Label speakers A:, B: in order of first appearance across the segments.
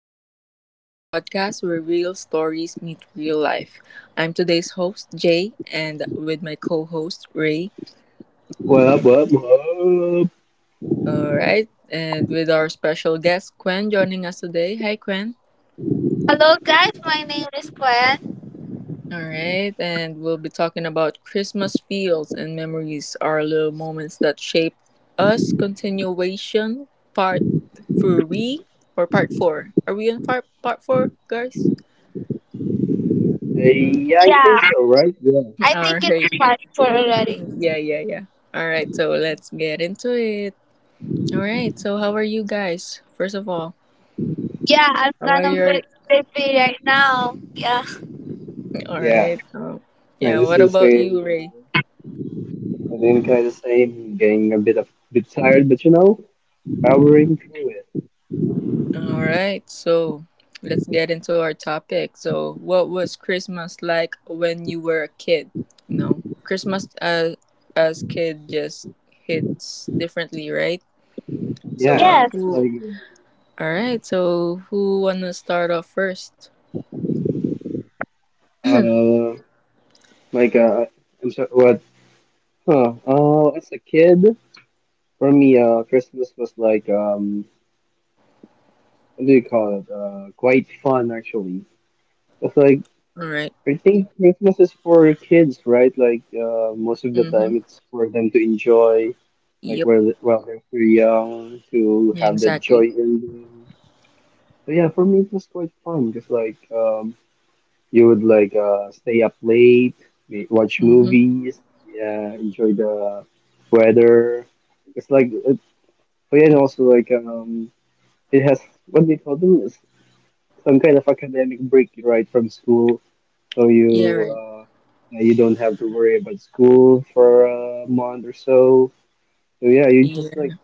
A: listening to Kane's podcast where real stories meet real life. I'm today's host, Jay, and with my co host, Ray.
B: What up, what up, what up?
A: All right, and with our special guest, Quen, joining us today. Hi, Quen.
C: Hello guys, my name is Gwen.
A: All right, and we'll be talking about Christmas feels and memories, our little moments that shape us. Continuation, part three or part four. Are we on part four, guys?
B: Hey, yeah, I think
C: Yeah,
B: so, right? Yeah.
C: I
A: All
C: think
A: right.
C: it's five for already.
A: Yeah, yeah, yeah. All right, so let's get into it. All right, so how are you guys? First of all,
C: Yeah, I'm
A: how
C: kind
A: are
C: of bit
A: your?
C: sleepy right now. Yeah.
A: All
B: Yeah.
A: right. Yeah.
B: And this
A: What
B: the
A: about you,
B: same,
A: Ray?
B: I think kind of the same, getting a bit tired, but you know, powering through it.
A: All right, so let's get into our topic. So, what was Christmas like when you were a kid? You know, Christmas as kid just hits differently, right? So,
B: Yeah,
C: Yes.
B: it's
A: who? All right, so who wanna start off first?
B: uh, like, I'm sorry, what? Huh, as a kid, for me, Christmas was like, what do you call it? Quite fun, actually. It's like,
A: All right.
B: I think Christmas is for kids, right? Like most of the
A: Mhm.
B: time, it's for them to enjoy, like
A: Yep.
B: while they're still young, to
A: Yeah.
B: have that joy
A: Exactly.
B: in them. So yeah, for me it was quite fun because like you would like stay up late, watch
A: Mm-hmm.
B: movies, yeah, enjoy the weather. It's like it, but yeah, and also like it has what do you call them? Some kind of academic break right from school, so
A: Yeah,
B: you
A: right.
B: yeah, you don't have to worry about school for a month or so. So yeah, you just like,
A: Yeah.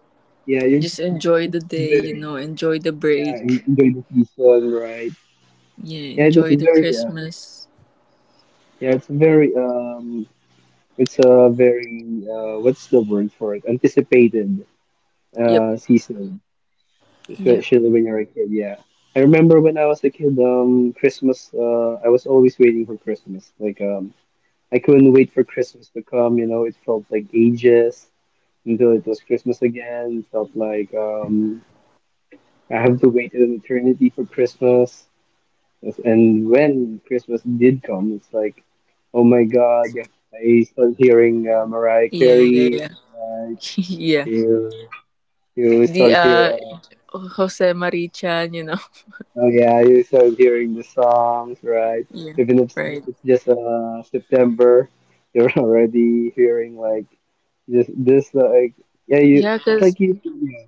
B: yeah, you're
A: Just
B: just
A: enjoy the day, you
B: very,
A: know, enjoy the
B: yeah,
A: break.
B: enjoy the season, right?
A: Yeah,
B: Yeah, it was a
A: enjoy the
B: very,
A: Christmas.
B: yeah, it's a very, it's a very, what's the word for it, anticipated
A: Yep.
B: season,
A: Yeah.
B: especially when you're a kid. Yeah. I remember when I was a kid, Christmas, I was always waiting for Christmas, like, I couldn't wait for Christmas to come, you know, it felt like ages until it was Christmas again. It felt like, I have to wait an eternity for Christmas. And when Christmas did come, it's like, oh my God, I start hearing, Mariah
A: Yeah, yeah,
B: Carey,
A: yeah.
B: right?
A: Yeah.
B: You, you
A: The
B: start
A: uh
B: hearing.
A: Jose Marichan.
B: Oh yeah, you start hearing the songs, right?
A: Yeah.
B: Even if it's
A: Right.
B: just September, you're already hearing, like, just this, like, yeah, you,
A: Yeah,
B: it's
A: cuz
B: like you, yeah,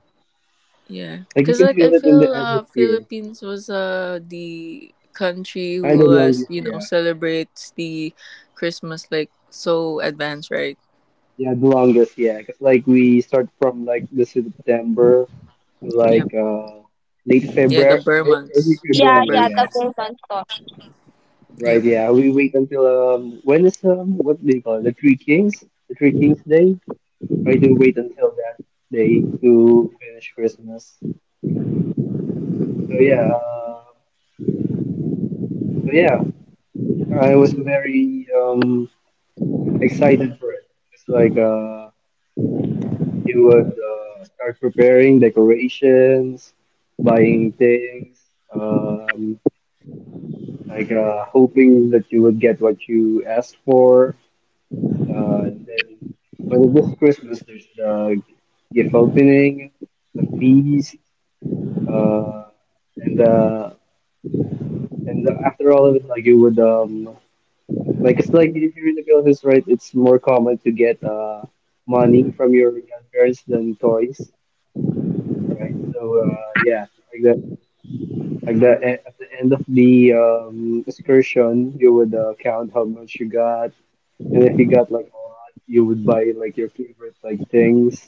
A: yeah.
B: like you
A: Cuz
B: can
A: like I
B: feel it in the
A: feel
B: atmosphere.
A: Philippines was the country
B: Kind
A: who
B: of
A: was,
B: longest,
A: you know,
B: yeah.
A: celebrates the Christmas like so advanced, right?
B: Yeah, the longest, yeah, because like we start from like the September to
A: Yep.
B: like, late
A: Yeah, the
B: February, early
A: Burmans. Yeah, the
C: Yeah,
B: February,
C: yeah,
B: yeah.
C: the
A: Burmans.
C: woman talk.
A: Yep.
B: Right, yeah, we wait until, when is, what do you call it, the Three Kings Day. I do wait until that day to finish Christmas. So yeah, so yeah, I was very, excited for it. It's like, you would, start preparing decorations, buying things, um, like, hoping that you would get what you asked for. And then when it was Christmas, there's the gift opening, the feast, uh, and the and after all of it, like you would, like it's like, if you read the Philippines, right? It's more common to get money from your grandparents than toys, right? So yeah, like that. Like that, at the end of the excursion, you would, count how much you got, and if you got like a lot, you would buy like your favorite like things.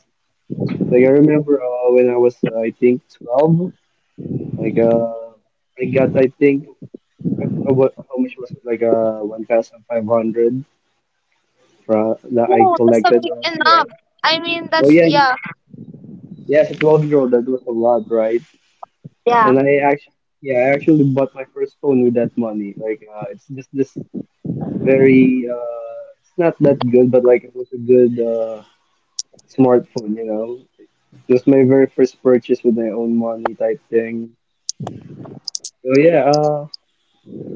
B: Like I remember, when I was, I think 12, like, I got, I think I, what, how much was it like, 1,500 fra that I
C: No, that's
B: collected
C: something
B: on
C: enough.
B: Crave.
C: I mean
B: Well,
C: that's
B: yeah,
C: yeah.
B: yes, it was grow. That was a lot, right?
C: Yeah.
B: And I actually, yeah, I actually bought my first phone with that money. Like, it's just this very, it's not that good, but like it was a good, smartphone, you know. It was my very first purchase with my own money type thing. So yeah,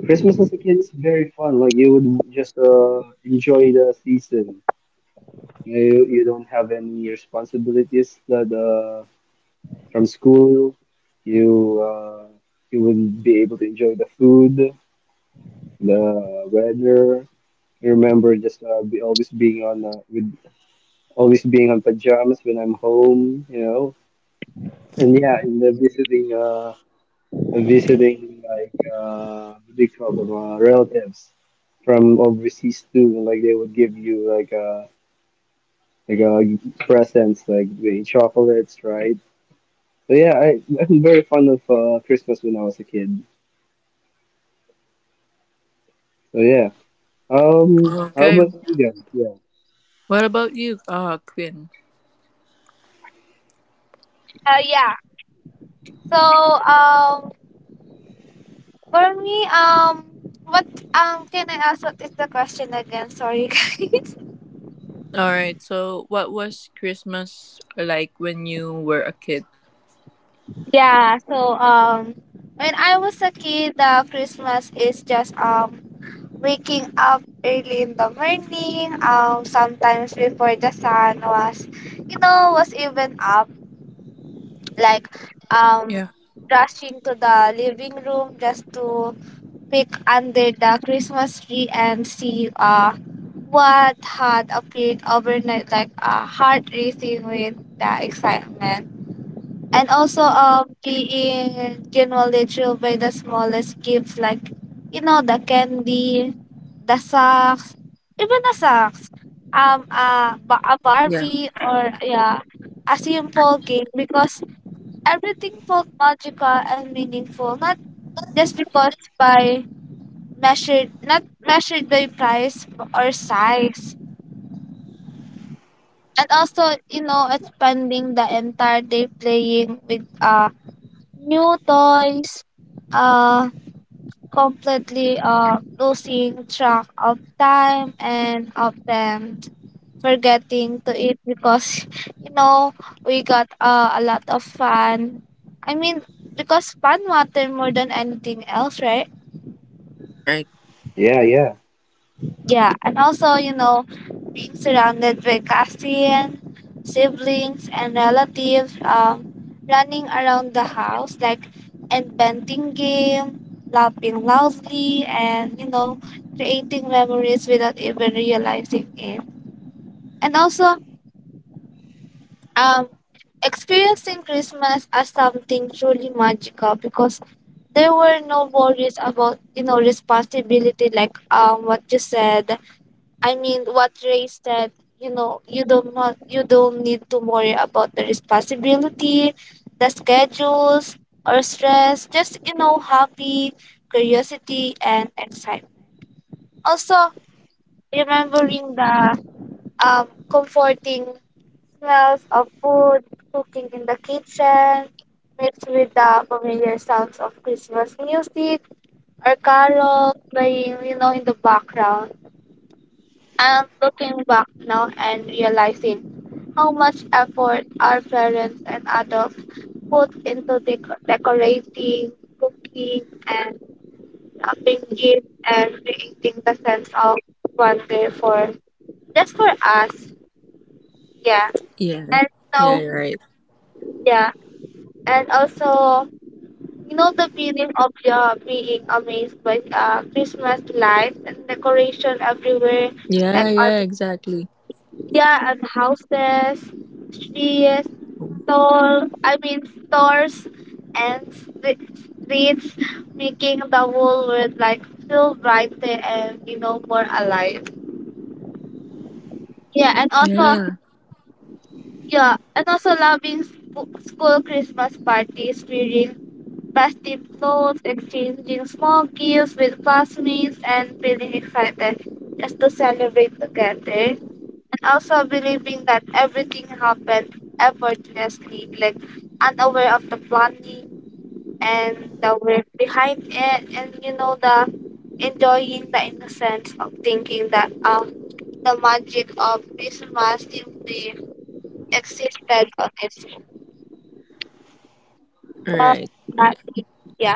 B: Christmas as a kid is very fun. Like you would just, enjoy the season. You don't have any responsibilities that, from school. You uh, you would be able to enjoy the food, the weather. I remember just, be always being on with always being on pajamas when I'm home, you know. And yeah, in the visiting, like, what do you call them, relatives from overseas too. Like they would give you like, like uh presents, like the chocolates, right? So yeah, I'm very fond of, Christmas when I was a kid. So yeah. How
A: Okay.
B: about vegan? Yeah.
A: What about you, Quinn?
C: Uh yeah. So for me, what can I ask what is the question again? Sorry guys.
A: All right. So, what was Christmas like when you were a kid?
C: Yeah, so when I was a kid, Christmas is just waking up early in the morning, sometimes before the sun was, you know, was even up, like, um,
A: Yeah.
C: rushing to the living room just to peek under the Christmas tree and see, what had appeared overnight, like a heart racing with the excitement, and also being acknowledged by the smallest gifts, like you know, the candy, the socks, even the socks, a
A: Yeah.
C: barbie, or yeah, a simple game, because everything felt magical and meaningful, not just because by measured, not measured by price or size. And also you know, expanding the entire day playing with new toys, uh, completely losing track of time and of them, forgetting to eat because you know, we got a lot of fun. I mean, because fun matter more than anything else, right?
A: Right.
B: Yeah, yeah.
C: Yeah, and also, you know, being surrounded by Castian, siblings, and relatives, running around the house, like inventing game, laughing loudly, and, you know, creating memories without even realizing it. And also, um, experiencing Christmas as something truly magical because there were no worries about you know, responsibility, like what you said. I mean, what race that, you know, you don't, not you don't need to worry about the responsibility, the schedules or stress. Just you know, happy, curiosity, and excitement. Also, remembering the comforting smells of food cooking in the kitchen, mixed with the familiar sounds of Christmas music or carol playing, you know, in the background. I'm looking back now and realizing how much effort our parents and adults put into decorating, cooking, and wrapping gifts and creating the sense of wonder, for just for us. Yeah,
A: Yeah.
C: and so
A: Yeah. Right.
C: yeah, and also you know, the feeling of your being amazed by Christmas lights and decoration everywhere, like
A: Yeah.
C: on
A: Yeah. Exactly.
C: yeah, and houses, trees, stores and streets, making the whole world like feel brighter and you know, more alive. Yeah, and also
A: Yeah.
C: yeah, and also loving school Christmas parties, wearing festive clothes, exchanging small gifts with classmates, and feeling excited just to celebrate together. And also believing that everything happened effortlessly, like unaware of the planning and the word behind it, and you know the enjoying the innocence of thinking that the magic of Christmas simply existed on its own. Well,
A: Right.
C: that
A: Right.
C: is- yeah.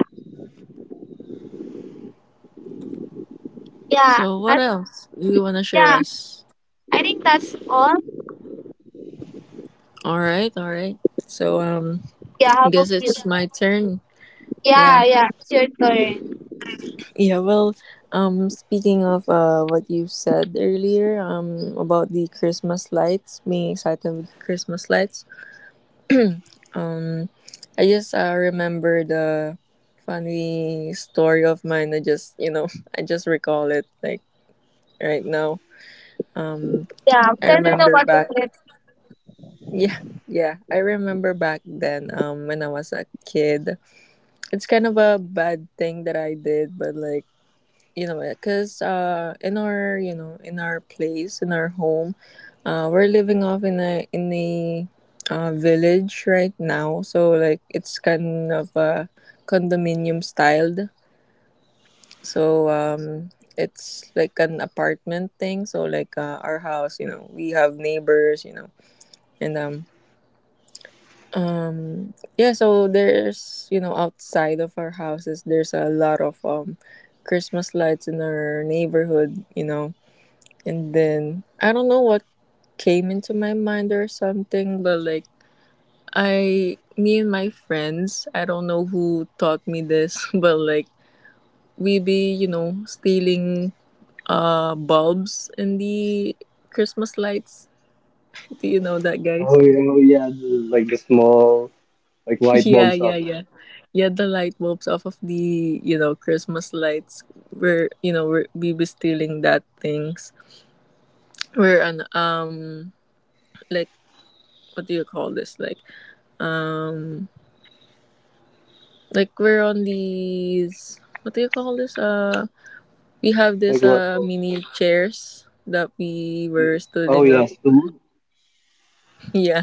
C: Yeah.
A: So, what
C: That's
A: else do you wanna share
C: yeah.
A: us?
C: I think that's all.
A: All right. All right. So,
C: Yeah, how
A: I
C: about
A: guess
C: you?
A: it's my turn.
C: Yeah,
A: Yeah.
C: yeah. It's your turn.
A: Yeah. Well, speaking of what you said earlier, about the Christmas lights being excited with Christmas lights. Um, I just remember the funny story of mine. I just, you know, I just recall it like right now. Um,
C: Yeah.
A: I
C: Can you know
A: remember. Yeah.
C: what to
A: Back.
C: play?
A: Yeah, yeah, I remember back then. When I was a kid, it's kind of a bad thing that I did, but like you know because in our you know in our place in our home we're living off in a village right now, so like it's kind of a condominium styled, so it's like an apartment thing, so like our house, you know we have neighbors, you know. And yeah, so there's, you know, outside of our houses, there's a lot of Christmas lights in our neighborhood. And then I don't know what came into my mind or something, but like me and my friends, I don't know who taught me this, but like we be, you know, stealing bulbs in the Christmas lights. Do you know that,
B: Oh,
A: guys?
B: yeah, oh, yeah. The, like the small, like light
A: Yeah,
B: bulb
A: yeah,
B: socket.
A: yeah. Yeah, the light bulbs off of the, you know, Christmas lights. We be stealing that things. We're an, like, what do you call this? Like, um like we're on these, what do you call this? We have
B: Like
A: this
B: what? Oh,
A: mini chairs that we
B: you-
A: were
B: oh,
A: standing up.
B: yes, the wood.
A: Yeah.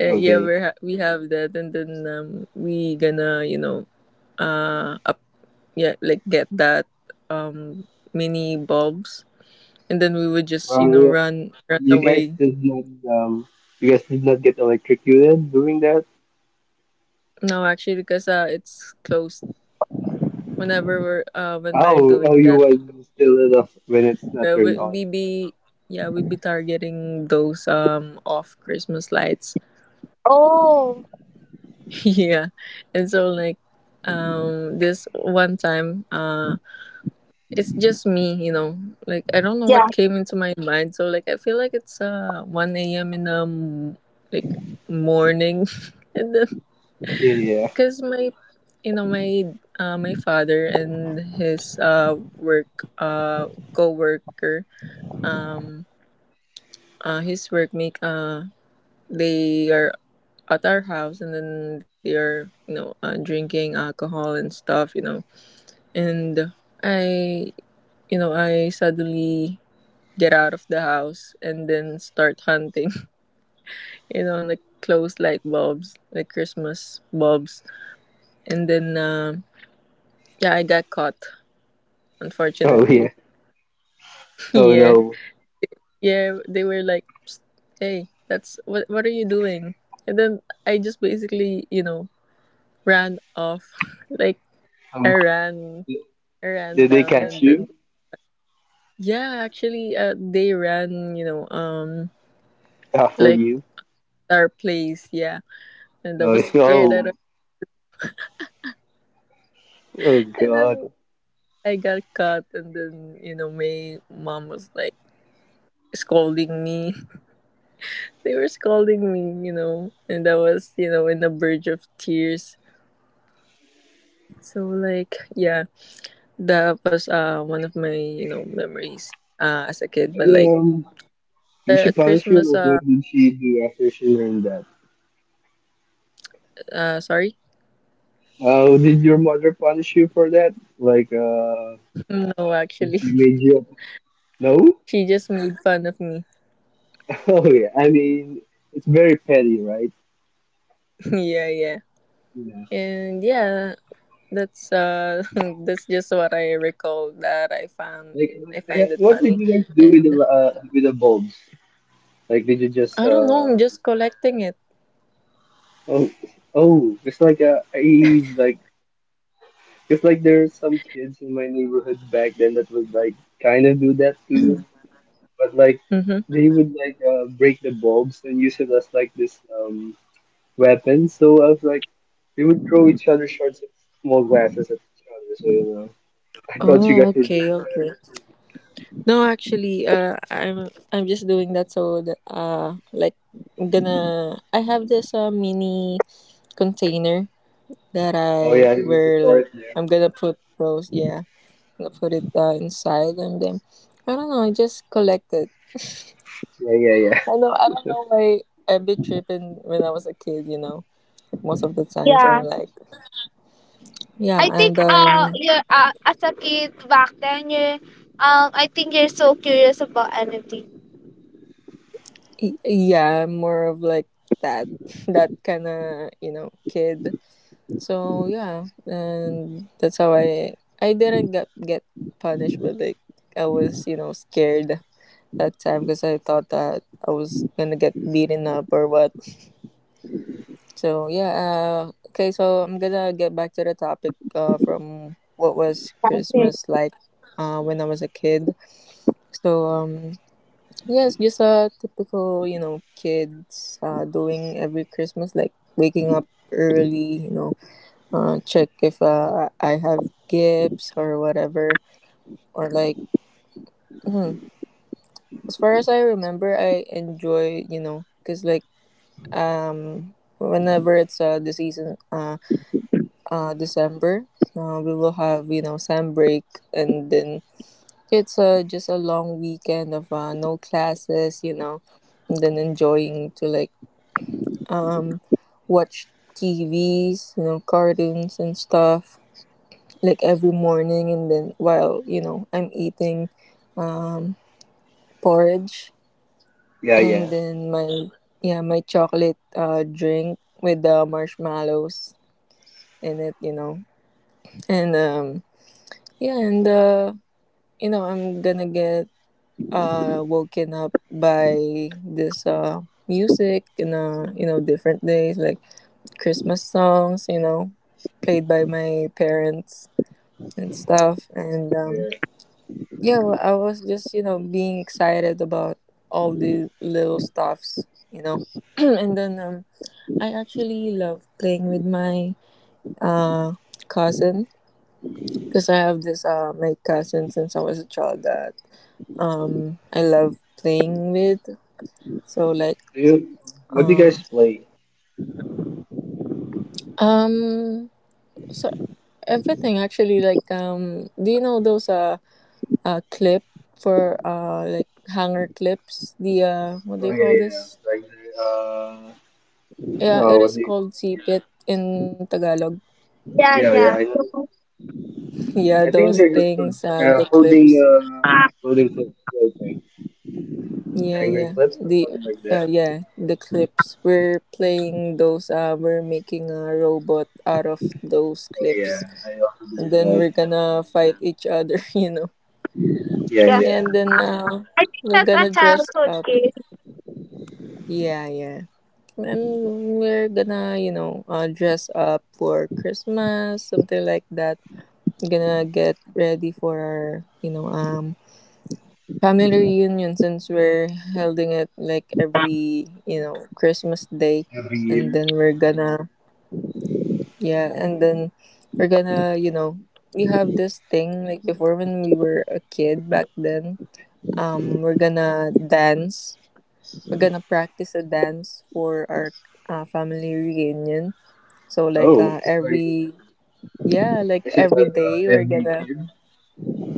A: Yeah,
B: Okay.
A: we have that, and then we gonna, you know, up yeah, like get that um mini bulbs, and then we would just, you know,
B: Well,
A: run
B: you guys
A: away.
B: did not, you guys did not get electrocuted doing that?
A: No, actually because it's closed whenever we're when we're
B: Oh, oh,
A: doing
B: you
A: that.
B: was still enough when it's not
A: Yeah,
B: turned on.
A: we be, yeah, we be targeting those off Christmas lights.
C: Oh
A: Yeah, and so like this one time, it's just me, you know, like I don't know
C: yeah,
A: what came into my mind, so like I feel like it's 1 a.m. in the like morning and then
B: Yeah, yeah.
A: because my, you know, my my father and his work co-worker, um his workmate, they are at our house, and then they are, you know, drinking alcohol and stuff, you know, and I you know I suddenly get out of the house and then start hunting you know like close light bulbs, like Christmas bulbs, and then yeah, I got caught
B: Oh,
A: unfortunately.
B: yeah. Oh,
A: Yeah,
B: no.
A: yeah, they were like, "Psst, hey, that's what are you doing?" And then I just basically, ran off. Like
B: Um,
A: I ran
B: did they
A: down,
B: catch
A: and
B: you
A: then yeah, actually they ran, you know,
B: after
A: like
B: you?
A: our place, yeah. And I
B: Oh,
A: was scared. I
B: oh,
A: don't,
B: oh,
A: and
B: God.
A: then I got caught, and then, you know, my mom was like scolding me. They were scolding me, you know, and I was, you know, in the verge of tears. So like yeah, that was one of my, you know, memories as a kid, but like
B: Um, You should punish you.
A: christmas
B: Like, what did she do after she learned that?
A: sorry.
B: Did your mother punish you for that? Like,
A: No,
B: did
A: actually,
B: she made you? No.
A: she just made fun of me.
B: Oh yeah. I mean, it's very petty, right?
A: Yeah, yeah,
B: Yeah.
A: and yeah, that's that's just what I recall, that I found
B: Like,
A: I find it
B: what
A: funny.
B: did you guys do with the,
A: And
B: bulbs? Like, did you just,
A: I don't know, I'm just collecting it.
B: oh, oh, it's like a I like it's like there's some kids in my neighborhood back then that would like kind of do that too. But like
A: Mm-hmm.
B: they would like, break the bulbs and use it as like this, weapon. So I was like, they would throw each other shards of small glasses at each other. So you know, I thought you
A: Oh,
B: guys were doing
A: okay,
B: that.
A: okay, no, actually, I'm just doing that so that, like, I have this mini container that
B: Oh
A: I
B: yeah, you just
A: where
B: saw
A: like
B: it there.
A: I'm gonna put those, yeah, gonna put it inside, and then I don't know, I just collected.
B: Yeah, yeah, yeah,
A: I know, I don't know why I a bit tripping when I was a kid, you know. Like most of the time. So
C: yeah.
A: like yeah,
C: I think
A: and
C: you're as a kid back then you're I think you're so curious about anything.
A: yeah, I'm more of like that that kinda, you know, kid. So yeah, and that's how I didn't get punished, but like I was, you know, scared that time because I thought that I was gonna get beaten up or what. So yeah, okay. So I'm gonna get back to the topic, from what was
C: Okay.
A: Christmas like when I was a kid. So yes, just a typical, you know, kids doing every Christmas, like waking up early, you know, check if I have gifts or whatever, or like mm, as far as I remember, I enjoy, you know, because like whenever it's the season, December. We will have, you know, sam break, and then it's just a long weekend of no classes, you know, and then enjoying to like um watch TVs, you know, cartoons and stuff like every morning, and then while, you know, I'm eating um porridge,
B: yeah,
A: and
B: yeah.
A: then my, yeah, my chocolate drink with the marshmallows in it, you know, and yeah, and you know, I'm gonna get woken up by this music in, you know, different days, like Christmas songs, you know, played by my parents and stuff, and
B: Oh, yeah.
A: yeah, well, I was just, you know, being excited about all the little stuffs, you know. And then I actually love playing with my uh cousin, because I have this my cousin since I was a child that. I love playing with. So like,
B: Do you, what do you
A: uh,
B: guys play?
A: um so everything, actually. Like do you know those clip for like hanger clips, the what do
B: Oh
A: you
B: yeah,
A: call
B: yeah, yeah.
A: this,
B: Like the,
A: yeah,
B: oh
A: it
B: what
A: is
B: do you?
A: called sipit in Tagalog.
C: Yeah,
B: Yeah, yeah.
C: yeah.
B: I know.
C: So,
A: Yeah,
B: I think
A: those
B: they're just,
A: things,
B: uh,
A: the
B: holding
A: clips,
B: uh
C: uh,
B: holding clips. I think
A: yeah,
B: angry
A: yeah,
B: clips or
A: the
B: something like that.
A: yeah the clips we're playing those, we're making a robot out of those
B: Yeah,
A: clips,
B: I also
A: and
B: do
A: then
B: that.
A: we're gonna fight each other, you know.
B: Yeah, yeah.
C: yeah.
A: And then,
C: I think
A: we're
C: that's a
A: gonna dress
C: childhood
A: up.
C: age.
A: Yeah, yeah. And we're gonna, you know, dress up for Christmas, something like that. Gonna get ready for our, you know, family reunion, since we're holding it like every, you know, Christmas day.
B: Every
A: And
B: year.
A: then we're gonna, yeah, and then we're gonna, you know, we have this thing like before when we were a kid back then. We're gonna dance. We're gonna practice a dance for our family reunion. So like,
B: Oh, it's like,
A: every, yeah, like
B: is it
A: every
B: like,
A: day we're
B: every
A: gonna,
B: kid?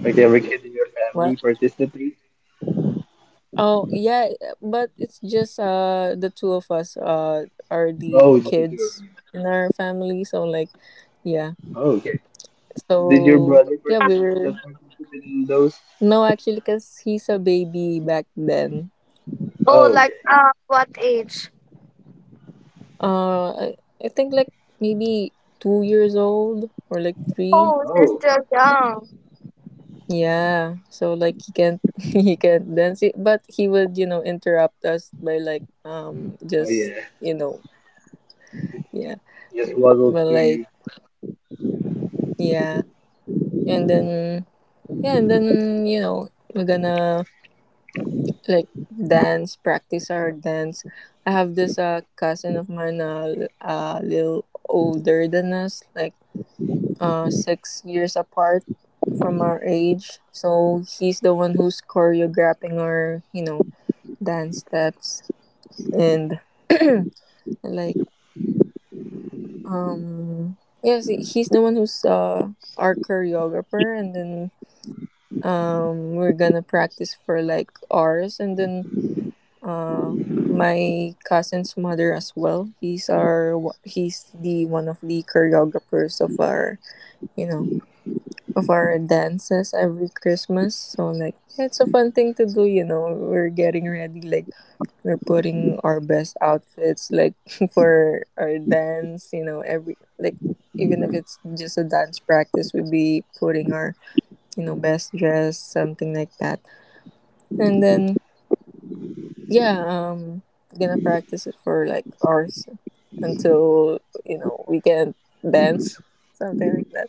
B: Like every kid in your family
A: what?
B: participates?
A: Oh yeah, but it's just the two of us are the
B: Oh, just the two of
A: kids
B: you.
A: in our family. So like yeah,
B: Oh, okay. Did your
A: so
B: brother
A: yeah, we
B: participate?
A: were,
B: Not participate in those?
A: no actually, because he's a baby back then.
C: Oh,
B: Oh, okay.
C: like what age?
A: Uh, I, I think like maybe 2 years old or like three.
C: Oh, she's
B: Oh,
C: still young.
A: Yeah, so like he can't he can't dance it, but he would, you know, interrupt us by like,
B: oh
A: just,
B: yeah.
A: you know, yeah,
B: Just waddled
A: but
B: to
A: like
B: you.
A: yeah, and then, yeah, and then, you know, we're gonna like dance, practice our dance. I have this cousin of mine, a little older than us, like 6 years apart from our age. So he's the one who's choreographing our dance steps and like um yes, he's the one who's our choreographer. And then we're gonna practice for like ours. And then uh my cousin's mother as well. He's the one of the choreographers of our you know of our dances every Christmas. So like it's a fun thing to do. We're getting ready, like, we're putting our best outfits, like, for our dance every, like, even if it's just a dance practice, we'd be putting our best dress, something like that. And then, yeah, gonna practice it for like hours until we can dance, something like that.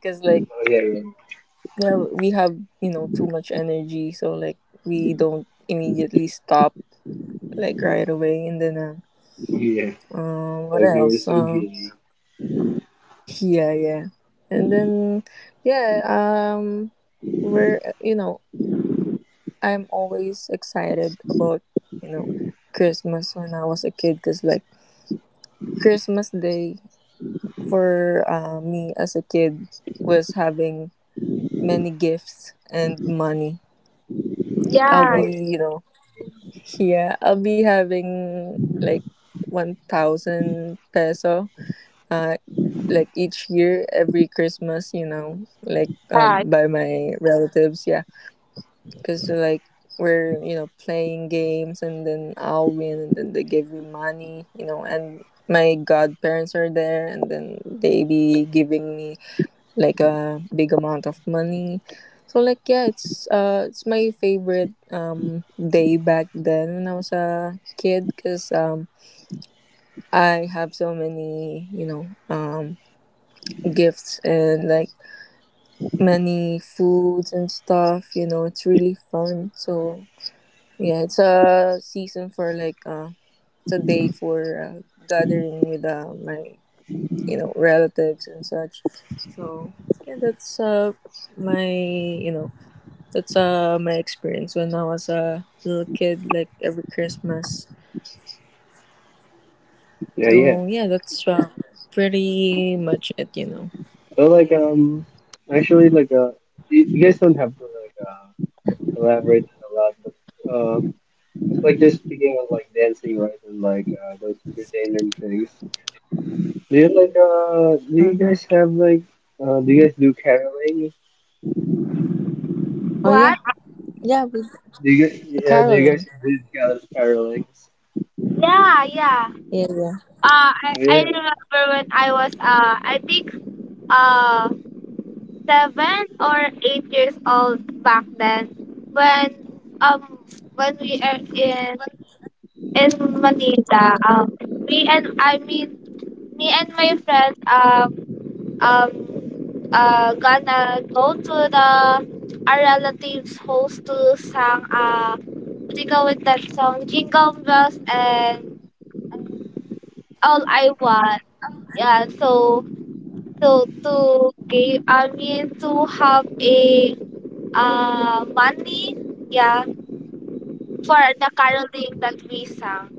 A: Because, like,
B: Oh yeah, yeah.
A: yeah, we have too much energy, so, like, we don't immediately stop like right away. And then
B: Oh yeah.
A: what
B: Like you're
A: else.
B: so gay.
A: Yeah, yeah. And then yeah, we're, you know, I'm always excited about, you know, Christmas when I was a kid, cuz like Christmas day for me as a kid was having many gifts and money. I'll
C: Yeah,
B: Oh
A: be, you know, yeah, I'll be having like 1000 peso uh like each year every Christmas, you know like
C: yeah.
A: by my relatives, yeah. Because like we're playing games, and then I'll win and then they give me money, you know and my godparents are there, and then they be giving me like a big amount of money. So like yeah, it's my favorite day back then when I was a kid, because I have so many gifts, and like many foods and stuff. You know, it's really fun. So yeah, it's a season for like it's a day for gathering with my relatives and such. So yeah, that's my that's my experience when I was a little kid, like every Christmas.
B: yeah. Yeah, yeah.
A: So yeah, that's pretty much it.
B: But like, actually like, you you guys don't have to like, elaborate on a lot, but. uh, Like, just speaking of like dancing, right, and like, those entertainment things. Do you
A: Mm-hmm.
B: guys have like, Do you guys do caroling?
A: Oh yeah,
C: What?
A: yeah, with
B: Do you guys, yeah? Do you guys
A: caroling.
B: do carolings?
C: Yeah, yeah.
A: Yeah, yeah.
C: Uh,
B: Oh
C: I, I
B: yeah.
C: remember when I was I think uh 7 or 8 years old back then when we are in Manila. Me and I mean Me and my friends gonna go to the our relatives house to sang to go with that song Jingle Bells and All I Want. Yeah, so, so to give I mean to have a uh, money, yeah, for the caroling that we sang.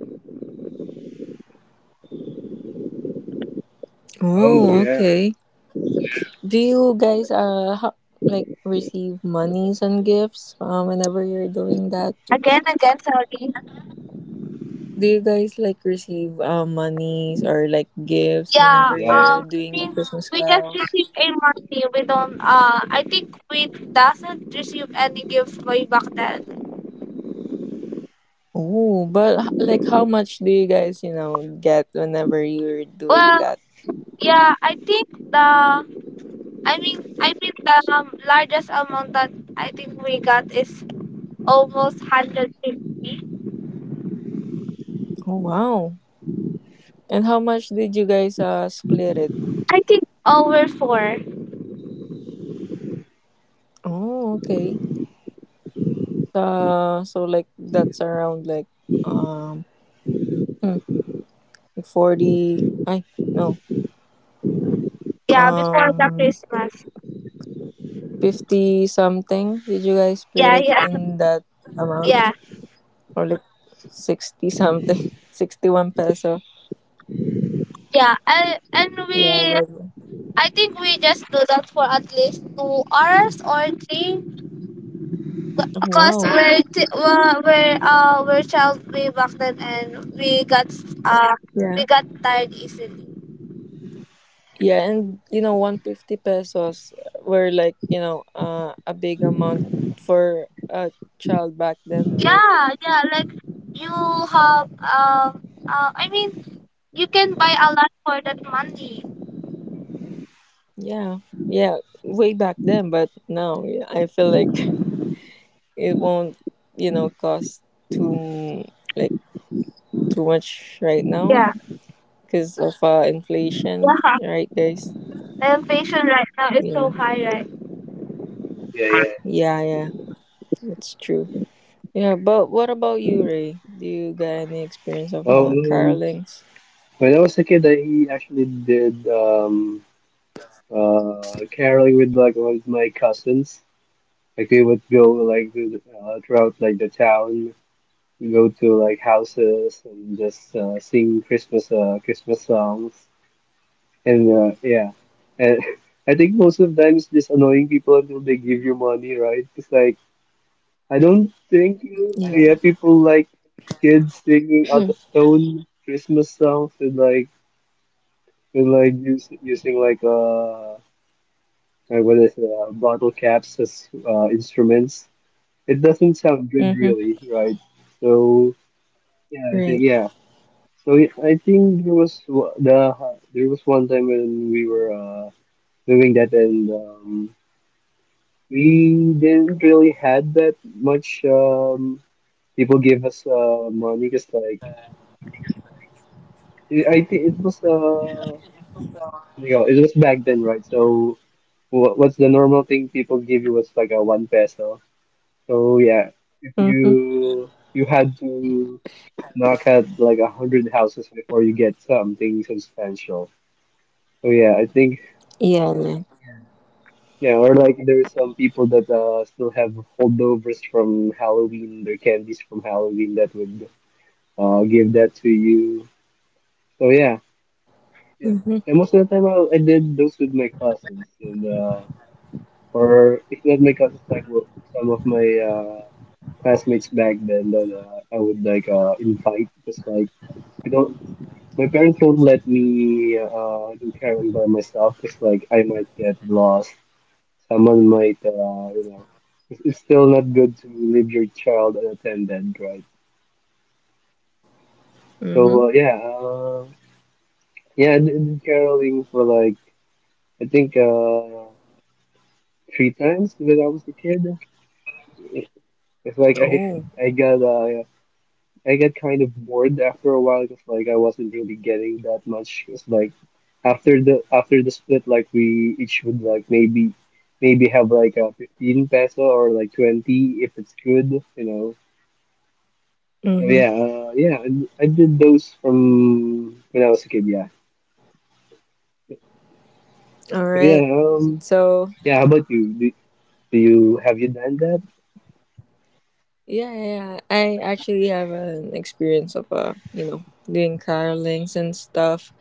B: Oh
A: Oh,
B: yeah.
A: okay. Do you guys like receive monies and gifts whenever you're doing that?
C: Again, again, sorry.
A: Do you guys like receive monies or like gifts
C: Yeah,
A: whenever
B: Yeah.
A: you're
C: I
A: doing
C: think
A: Christmas
C: we just
A: carols?
C: received a monthly. We don't, I think we doesn't receive any gift way back then.
A: Oh, but like how much do you guys get whenever you're doing
C: Well,
A: that?
C: yeah, I think the, I mean the largest amount that I think we got is almost 150.
A: Oh, wow. And how much did you guys split it?
C: I think over four.
A: Oh, okay. So, so like that's around like um hmm, like 40. I no
C: Yeah, before the
A: um
C: Christmas.
A: 50 something. Did you guys split
C: Yeah,
A: it
C: yeah,
A: in that amount,
C: yeah,
A: or like 60 something, 61 peso?
C: yeah. And
A: Yeah,
C: we,
A: but
C: I think we just do that for at least 2 hours or three, because
A: wow.
C: we're t- we're child way back then and uh we
A: Yeah,
C: got tired easily.
A: yeah, and 150 pesos were like a big amount for a child back then, right?
C: Yeah, yeah, like you have um uh, I mean you can buy a lot for that money.
A: Yeah, yeah, way back then. But now, yeah, I feel like it won't cost too m- like too much right now,
C: Yeah,
A: because of inflation,
C: yeah.
A: right, guys?
C: The inflation right now is so
A: Yeah,
C: high, right?
B: Yeah, yeah.
A: yeah, yeah, that's true. Yeah, but what about you, Ray? Do you got any experience of
B: Well,
A: carolings?
B: when I was a kid, I actually did, caroling with like one of my cousins. Like we would go like to the, throughout like the town. We go to like houses and just, sing Christmas songs, and yeah, and I think most of the time it's just annoying people until they give you money, right? It's like, I don't think you,
A: Yeah.
B: yeah, people like kids singing out of tone Christmas songs, and like, using like, like what is it, bottle caps as, instruments. It doesn't sound good,
A: Mm-hmm.
B: really, right? So yeah, I think,
A: Right.
B: yeah. So I think there was, there was one time when we were, doing that, and we didn't really had that much, people gave us, money, because like I think it was, you know, it was back then, right? So what's the normal thing people give you was like a one peso. So yeah, if
A: Mm-hmm.
B: you had to knock out like a hundred houses before you get something substantial. So yeah, I think,
A: Yeah. Yeah.
B: yeah, or like there's some people that, still have holdovers from Halloween, their candies from Halloween that would, give that to you. So yeah, yeah.
A: Mm-hmm.
B: And most of the time, I did those with my cousins, and, or if not my cousins, like, well, some of my, classmates back then that, I would like, invite, just like, you know, my parents won't let me, do caroling by myself, because like I might get lost. Someone might, you know, it's still not good to leave your child unattended, right?
A: Mm-hmm.
B: So, yeah, I did caroling for like, I think, three times when I was a kid. It- It's like, I
A: Oh.
B: I got, I got kind of bored after a while because like I wasn't really getting that much. It's like, after the split, like we each would like, maybe have like a 15 peso or like 20 if it's good, you know.
A: Mm-hmm.
B: Yeah, yeah, I did those from when I was a kid. Yeah,
A: All
B: but yeah,
A: right. So
B: yeah. How about you? Do you have you done that?
A: yeah, yeah, yeah. I actually have an experience of doing carolings and stuff.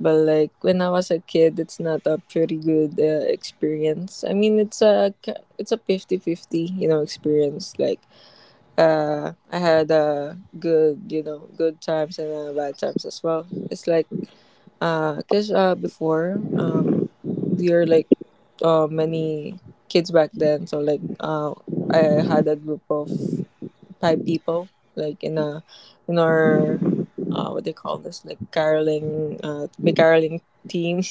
A: But like when I was a kid, it's not a pretty good experience. I mean, it's it's a 50 50 experience. Like I had good good times, and bad times as well. It's like cuz before, we are like many kids back then, so like I had a group of five people like in our what they call this, like caroling. My caroling team.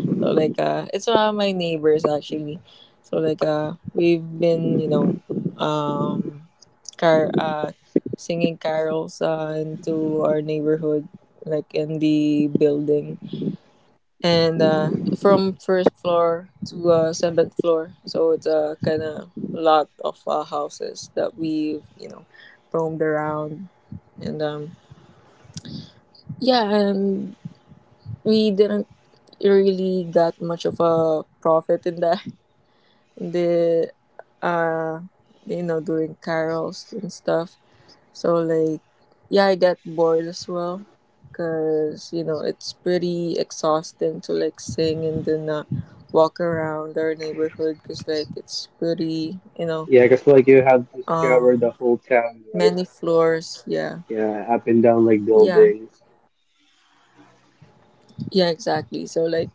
A: So like it's my neighbors, actually. So like we've been, you know, um car singing carols into our neighborhood, like in the building, and from first floor to seventh floor. So it's a kind of lot of houses that we've roamed around. And yeah, and we didn't really got much of a profit in that. They are, you know, doing carols and stuff. So, like, yeah, I get bored as well. Because, you know, it's pretty exhausting to, like, sing and then walk around our neighborhood. Because, like, it's pretty, you know,
B: Yeah, because like you have to
A: um,
B: scour the whole town, right?
A: many floors, yeah.
B: Yeah, up and down like
A: Yeah,
B: buildings.
A: yeah, exactly, so like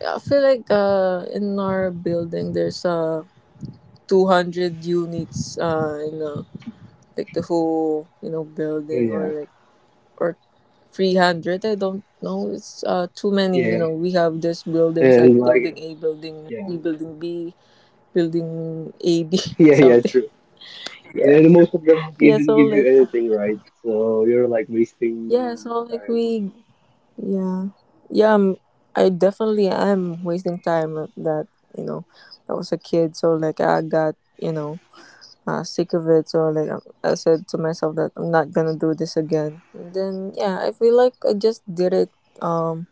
A: I feel like in our building there's 200 units, like the whole, you know building, or
B: Yeah,
A: like or 300, I don't know. It's too many, you
B: yeah,
A: know we have these buildings like
B: and
A: building
B: like,
A: A, building
B: yeah,
A: E, building B, building A B
B: yeah, yeah.
A: something.
B: True. Yeah,
A: Yeah.
B: and most of them don't
A: Yeah,
B: even
A: so
B: give you
A: like
B: anything, right? So you're like
A: yeah,
B: wasting
A: so like
B: time.
A: we, yeah, yeah, I'm, I definitely am wasting time at that, you know I was a kid, so like I got sick of it. So like I said to myself that I'm not gonna do this again. And then yeah, I feel like I just did it. Um.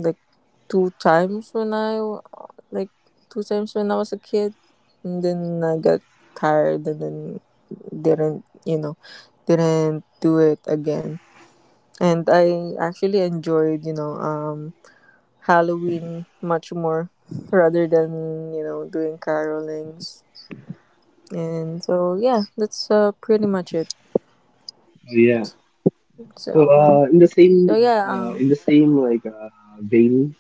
A: Like two times when I w- like two times when I was a kid. And then I got tired, and then didn't you know didn't do it again. And I actually enjoyed Halloween much more rather than doing carolings. And so yeah, that's pretty much it.
B: So, yeah. So
A: So
B: uh, in the
A: so
B: same,
A: yeah,
B: uh, in the same like vein,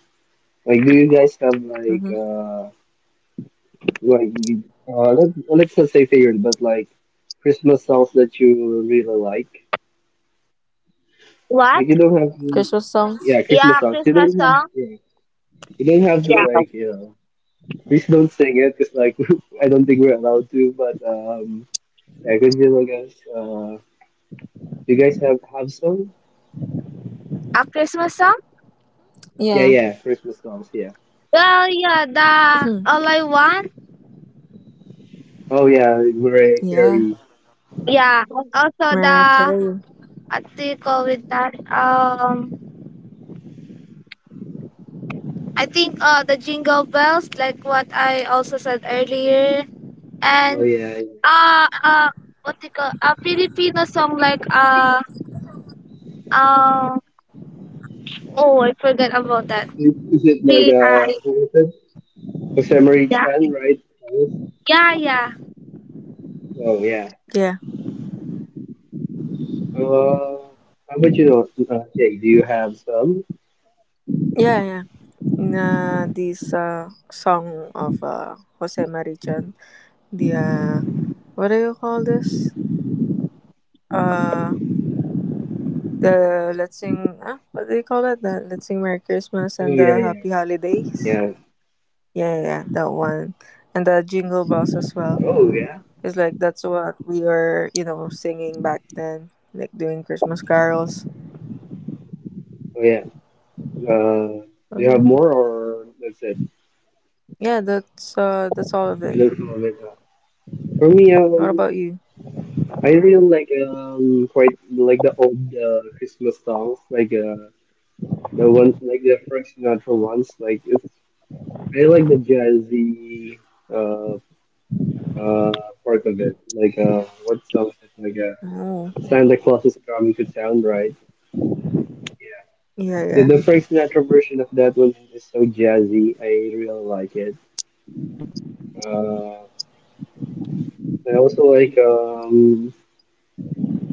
B: like, do you guys have like
A: mhm.
B: let's not say favorite, but like Christmas songs that you really like?
C: What?
B: Like you don't have to,
A: Christmas songs.
B: yeah, Christmas
C: Yeah,
B: songs. You
C: Christmas
B: don't have
C: song.
B: yeah, you don't have to
C: Yeah.
B: like. Please don't sing it, cause like I don't think we're allowed to. But yeah, continue, I guys. You guys have some?
C: A Christmas song?
A: Yeah,
B: Yeah, yeah, Christmas songs. Yeah.
C: Well, yeah, the All I Want.
B: Oh yeah, Mariah
A: yeah.
B: Carey.
C: Yeah. Also
A: Mariah
C: the
A: Carey.
C: what do you call it that? I think the Jingle Bells, like what I also said earlier,
B: Oh
C: and
B: yeah. Yeah.
C: uh uh what they call a Filipino song like um oh I forgot about that.
B: Is it like
C: B I
B: who is it? Jose Marie
C: yeah,
B: Chan, right? Yes.
C: yeah, yeah,
B: Oh yeah.
A: Yeah.
B: Uh, how about Jay, do you have some?
A: Yeah, yeah. In this song of Jose Marichan, the what do you call this? Uh, the let's sing. Ah, what do you call it? The let's sing Merry Christmas
B: Oh
A: and
B: yeah,
A: the
B: yeah,
A: Happy Holidays.
B: yeah.
A: Yeah, yeah, yeah, that one, and the Jingle Bells as well.
B: Oh yeah.
A: It's like that's what we were, you know, singing back then, like doing Christmas carols.
B: Oh yeah. Uh,
A: So
B: do you
A: yeah,
B: have more or that's it?
A: yeah. That's all of
B: I
A: it.
B: don't know. But, for me,
A: What about you?
B: I really like the old Christmas songs, like the one like the Frank Sinatra ones. Like it's I like the jazzy uh uh part of it. Like what songs? Like
A: Oh,
B: Santa Claus is coming to town, right?
A: yeah,
B: Yeah,
A: yeah.
B: the Frank Sinatra version of that one is so jazzy. I really like it. Uh, I also like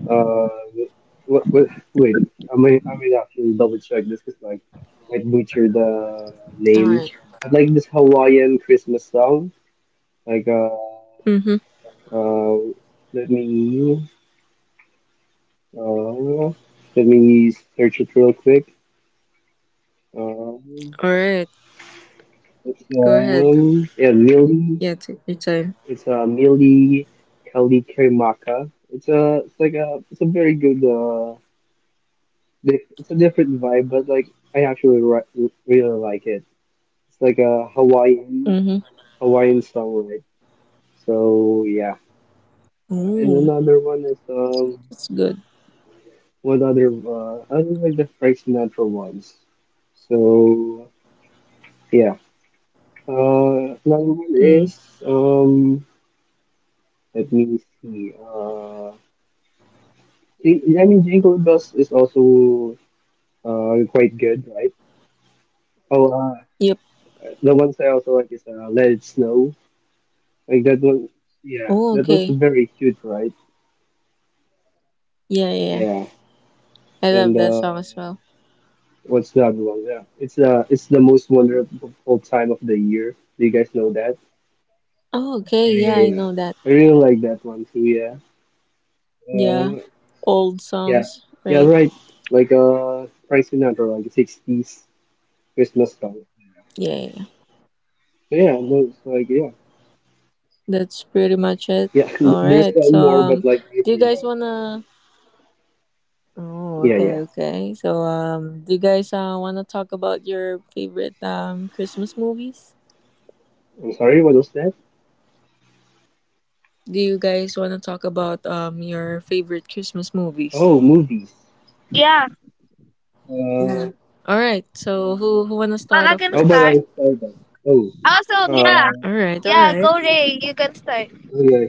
B: uh what wait, I might actually double check this because like might butcher the
A: All
B: name.
A: right.
B: But like this Hawaiian Christmas song like
A: Mm-hmm.
B: uh let me uh let me search it real quick. Um,
A: All right,
B: it's
A: go ahead.
B: um yeah Millie.
A: Yeah, take your time.
B: It's a Mili Kalikaimaka. It's a very good, dif it's a different vibe, but like I actually ri really like it. It's like a Hawaiian
A: Mm-hmm.
B: Hawaiian song, right? So yeah. And
A: Oh,
B: another one is
A: that's good.
B: what other I don't like the Frank Sinatra ones. So yeah. Another one is
A: Mm.
B: um let me see I I mean, Jingle Bells is also quite good, right? Oh,
A: Yep.
B: the ones I also like is Let It Snow. Like that one, yeah,
A: Oh,
B: that was
A: okay.
B: very cute, right?
A: Yeah, yeah, yeah.
B: Yeah,
A: I love
B: and
A: that song as well.
B: what's the other one? Yeah, it's the most wonderful time of the year. Do you guys know that?
A: Oh, okay.
B: Yeah,
A: Yeah, I
B: yeah, yeah.
A: know that.
B: I really like that one too. Yeah.
A: Yeah,
B: Uh,
A: old
B: yeah,
A: songs,
B: yeah,
A: right?
B: right. Like Frank Sinatra, like 60s Christmas song.
A: Yeah, yeah. Yeah.
B: So yeah, those like yeah,
A: That's pretty much it.
B: yeah.
A: All
B: There's
A: right. So,
B: one more, but like I
A: do you guys
B: forgot.
A: wanna? Oh,
B: Yeah, yeah.
A: okay, okay. So, do you guys wanna talk about your favorite Christmas movies?
B: I'm sorry, what was that?
A: Do you guys wanna talk about your favorite Christmas movies?
B: Oh, movies.
C: yeah.
A: Yeah.
B: Uh,
A: All right. So who wanna
C: But
A: start
C: I
A: off
C: can
B: how about I
C: start.
A: first?
B: start that? Oh,
C: Also yeah,
B: uh,
A: All right. All
C: yeah,
A: right.
C: go Ray, you can start.
B: okay,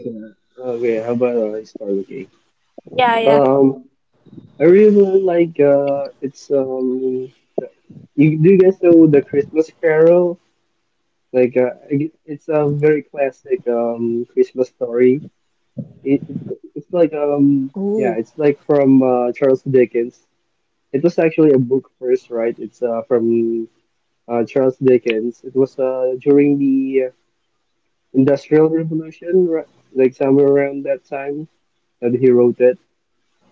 B: okay, how about I start? Okay.
C: Yeah yeah
B: Um, I really like, do you guys know the Christmas Carol? Like, it's a very classic, Christmas story. It's like,
A: Ooh.
B: from, Charles Dickens. It was actually a book first, right? It's, from Charles Dickens. It was during the Industrial Revolution, like somewhere around that time that he wrote it.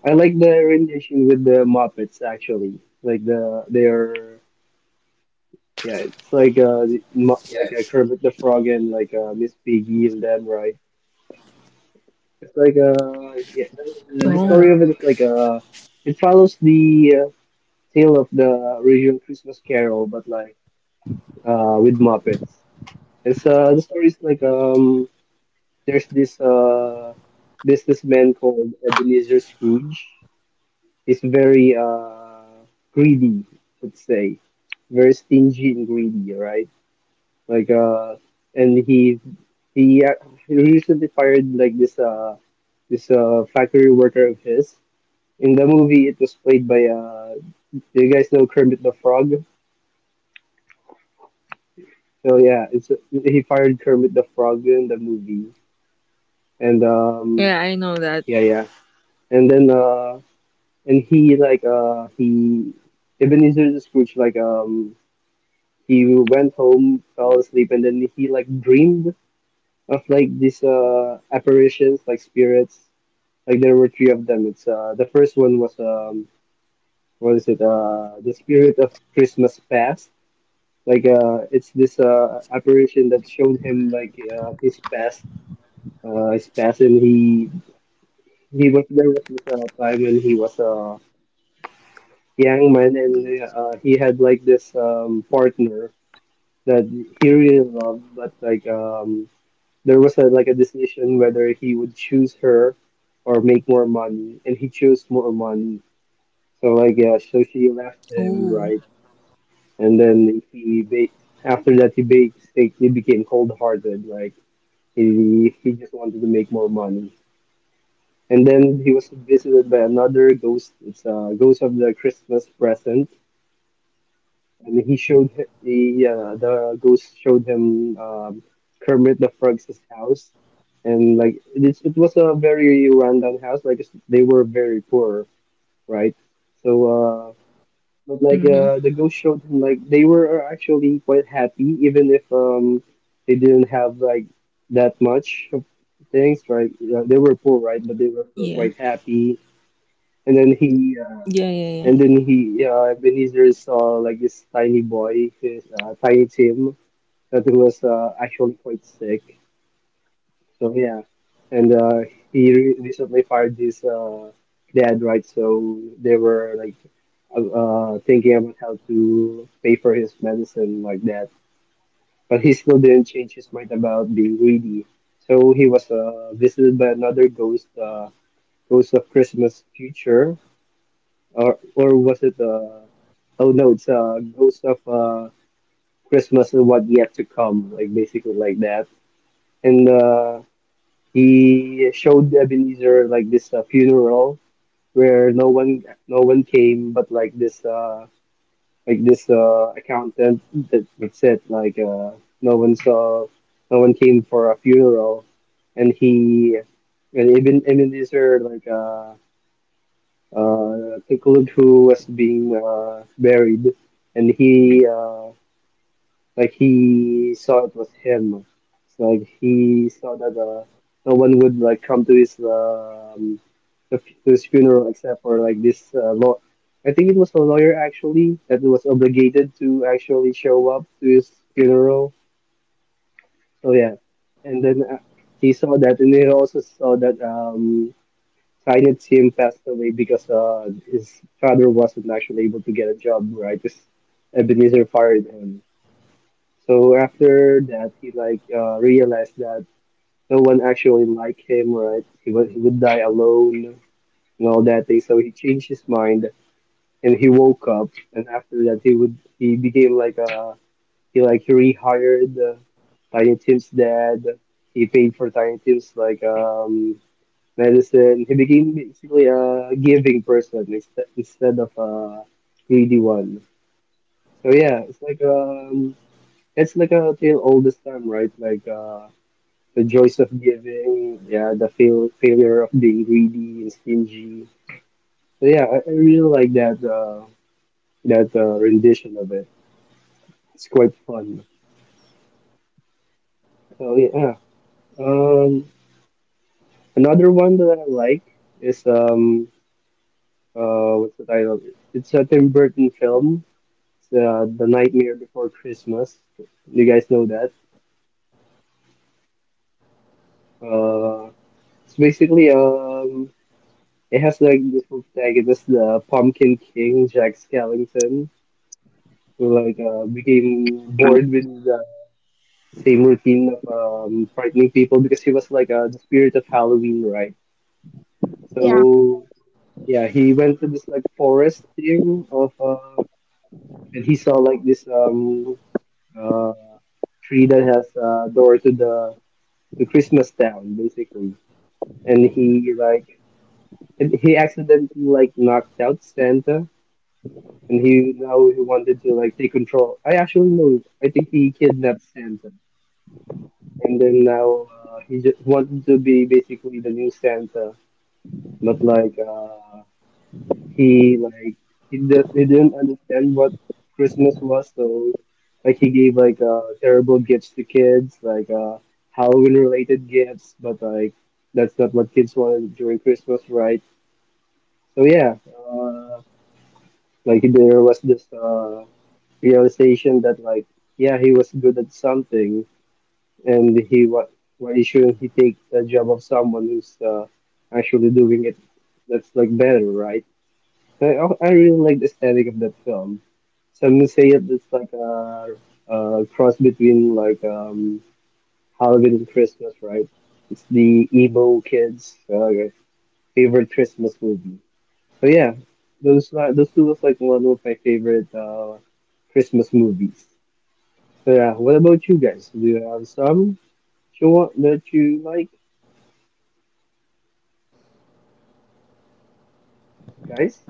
B: I like the rendition with the Muppets actually, like the they are yeah, it's like like a Kermit the Frog and like Miss Piggy and them right. It's like yeah, the
A: Oh.
B: story of it is like it follows the tale of the original Christmas Carol, but like with Muppets. It's the story is like there's this businessman called Ebenezer Scrooge. He's very greedy, let's say. Very stingy and greedy, right? Like and he, uh, he recently fired like this factory worker of his. In the movie it was played by do you guys know Kermit the Frog? So yeah, it's he fired Kermit the Frog in the movie. And
A: Yeah, I know that.
B: yeah yeah. And then and he like he Ebenezer the Scrooge he went home, fell asleep, and then he like dreamed of like these apparitions, like spirits. Like there were three of them. It's the first one was what is it the spirit of Christmas past. Like it's this apparition that showed him like his past and he was there was this time when he was young man, and he had like this partner that he really loved, but like there was a decision whether he would choose her or make more money, and he chose more money. So like yeah, so she left him,
A: Ooh.
B: right? And then after that he basically became cold-hearted, like he just wanted to make more money. And then he was visited by another ghost. It's a ghost of the Christmas present and he showed hi- the ghost showed him, Kermit the Frog's house, and like it was a very rundown house. Like they were very poor, right? So, but like
A: Mhm.
B: the ghost showed him like they were actually quite happy, even if they didn't have like that much of things, right? They were poor, right? But they were still
A: Yeah.
B: quite happy. And then he uh,
A: Yeah. Yeah. Yeah.
B: and then he, Ebenezer saw like this tiny boy, this, tiny Tim, that he was actually quite sick. So yeah, and he recently fired his dad, right? So they were like thinking about how to pay for his medicine like that. But he still didn't change his mind about being greedy. So he was visited by another ghost, ghost of Christmas future, or was it oh no, it's ghost of Christmas and what yet to come, like basically like that. And he showed Ebenezer like this funeral where no one came, but like this accountant that said like no one saw no one came for a funeral. And Ebenezer like include who was being buried, and he, like he saw it was him. It's like he saw that no one would like come to his, to his funeral except for like this law. I think it was a lawyer actually that was obligated to actually show up to his funeral. So yeah, and then he saw that, and he also saw that. Signed him passed away because his father wasn't actually able to get a job, right? Because Ebenezer fired him. So after that, he like realized that no one actually liked him, right? He would die alone and all that thing. So he changed his mind and he woke up. And after that, he would he became like a, he like rehired Tiny Tim's dad. He paid for Tiny Tim's medicine. He became basically a giving person instead of a greedy one. So yeah, it's like a tale all this time, right? Like the joys of giving, yeah, the failure of being greedy and stingy. So yeah, I really like that rendition of it. It's quite fun. So yeah, um, another one that I like is what's the title? It's a Tim Burton film. It's The Nightmare Before Christmas. You guys know that. Uh, it's basically it has like this protagonist, the Pumpkin King, Jack Skellington, who like became bored with the same routine of, frightening people because he was like the spirit of Halloween, right?
C: yeah
B: So yeah, he went to this like forest thing of and he saw like this uh tree that has a door to the Christmas town basically, and he like and he accidentally like knocked out Santa, and he now he wanted to like take control. I actually know. I think he kidnapped Santa, and then now he just wanted to be basically the new Santa, but like he like he didn't understand what Christmas was, so like he gave like terrible gifts to kids, like Halloween related gifts, but like that's not what kids wanted during Christmas, right? So yeah, uh, like there was this realization that like yeah he was good at something, and he what why shouldn't he take the job of someone who's actually doing it that's like better, right? So I really like the aesthetic of that film. Some would say it's like a cross between like Halloween and Christmas, right? It's the emo kids' favorite Christmas movie. So yeah, those two was like one of my favorite Christmas movies. So yeah, what about you guys? Do you have some you want that you like, guys?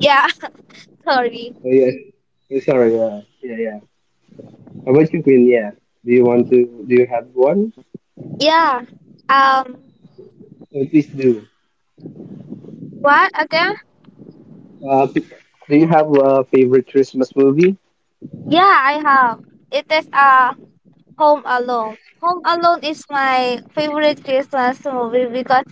C: yeah. sorry,
B: Oh yeah, yeah, sorry, yeah, yeah, yeah. How about you, Queen? Yeah, do you want to? Do you have one?
C: yeah, um
B: Or please do.
C: what again?
B: Uh, p- do you have a favorite Christmas movie?
C: Yeah, I have. It is Home Alone. Home Alone is my favorite Christmas movie because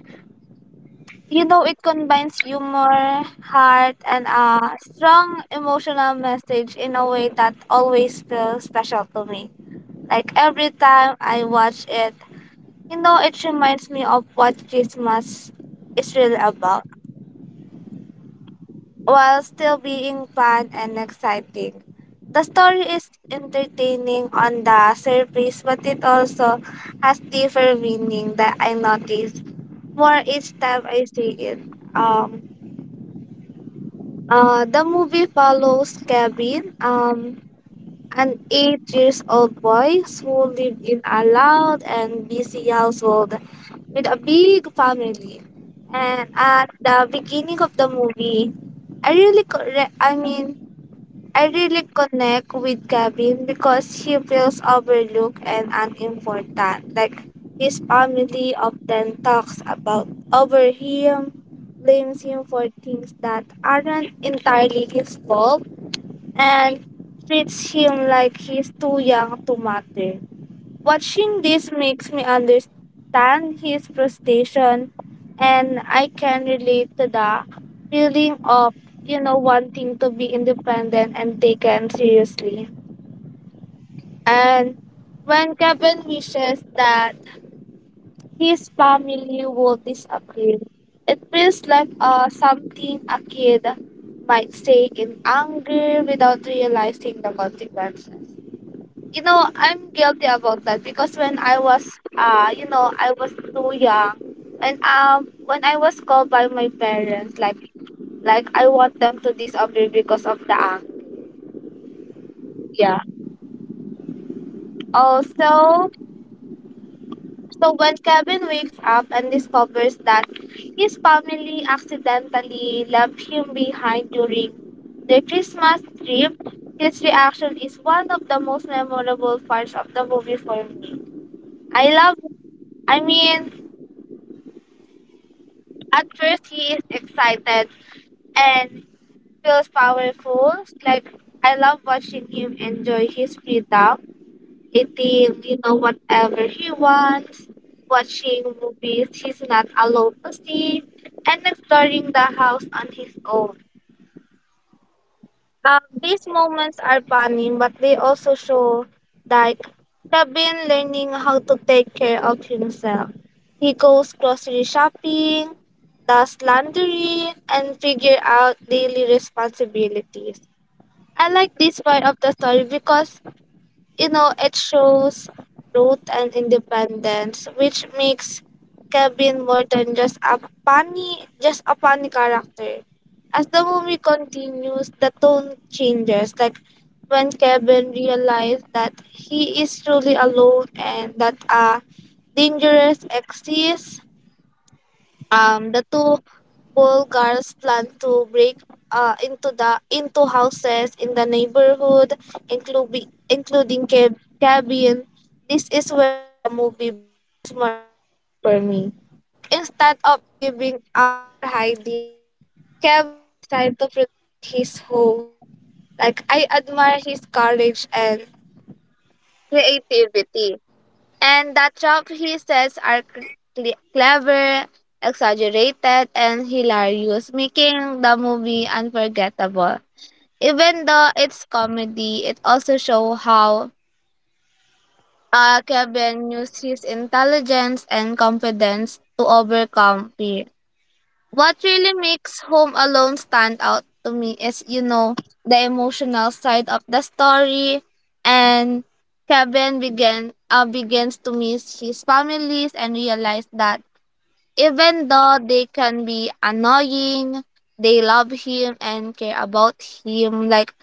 C: you know, it combines humor, heart, and a strong emotional message in a way that always feels special to me. Like every time I watch it, you know, it reminds me of what Christmas is really about, while still being fun and exciting. The story is entertaining on the surface, but it also has deeper meaning that I notice more each time I see it. Um, the movie follows Kevin, an 8 years old boy who lived in a loud and busy household with a big family. And at the beginning of the movie, I really correct. I mean, I really connect with Gavin because he feels overlooked and unimportant. Like his family often talks about over him, blames him for things that aren't entirely his fault, and treats him like he's too young to matter. Watching this makes me understand his frustration, and I can relate to the feeling of, you know, wanting to be independent and taken seriously. And when Kevin wishes that his family will disapprove, it feels like something a kid might say in anger without realizing the consequences. You know, I'm guilty about that because when I was you know, I was too young, and when I was called by my parents, like I want them to disobey because of the act. Also, so when Kevin wakes up and discovers that his family accidentally left him behind during the Christmas trip, his reaction is one of the most memorable parts of the movie for me. I love I mean, At first, he is excited and feels powerful. Like, I love watching him enjoy his freedom, eating, you know, whatever he wants, watching movies he's not allowed to see, and exploring the house on his own. These moments are funny, but they also show like Kevin learning how to take care of himself. He goes grocery shopping, does laundry, and figure out daily responsibilities. I like this part of the story because you know, it shows growth and independence, which makes Kevin more than just a funny character. As the movie continues, the tone changes. Like when Kevin realizes that he is truly alone and that a dangerous exists, the two Bulgars plan to break into the into houses in the neighborhood, cabin. This is where the movie becomes more exciting for me. Like instead of giving up or hiding, Kevin decided to protect his home. Like I admire his courage and creativity. And the jokes he says are clever, exaggerated, and hilarious, making the movie unforgettable. Even though it's comedy, it also shows how Kevin used his intelligence and confidence to overcome fear. What really makes Home Alone stand out to me is, you know, the emotional side of the story. And begins to miss his families and realize that even though they can be annoying, they love him and care about him. Like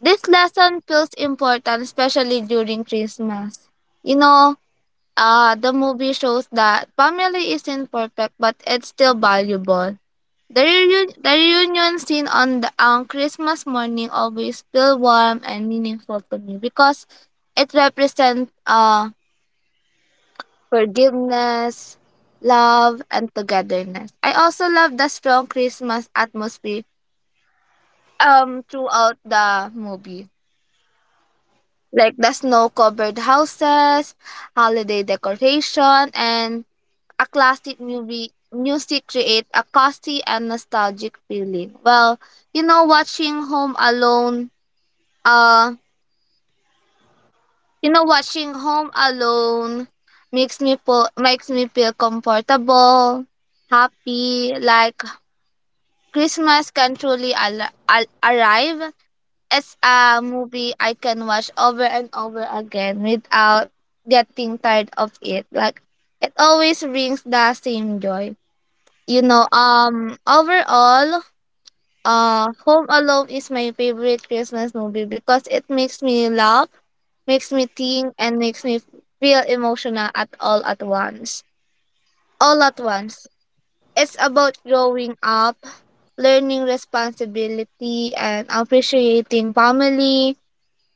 C: this lesson feels important, especially during Christmas. You know, the movie shows that family isn't perfect, but it's still valuable. The reunion scene on the, on Christmas morning always feel warm and meaningful to me because it represents forgiveness, love, and togetherness. I also love the strong Christmas atmosphere throughout the movie, like the snow-covered houses, holiday decoration, and a classic movie music create a cozy and nostalgic feeling. You know, watching Home Alone Uh, you know, watching Home Alone makes me feel comfortable, happy. Like Christmas can truly arrive. It's a movie I can watch over and over again without getting tired of it. Like it always brings the same joy. You know, overall, Home Alone is my favorite Christmas movie because it makes me laugh, makes me think, and makes me feel emotional at all at once. All at once. It's about growing up, learning responsibility and appreciating family,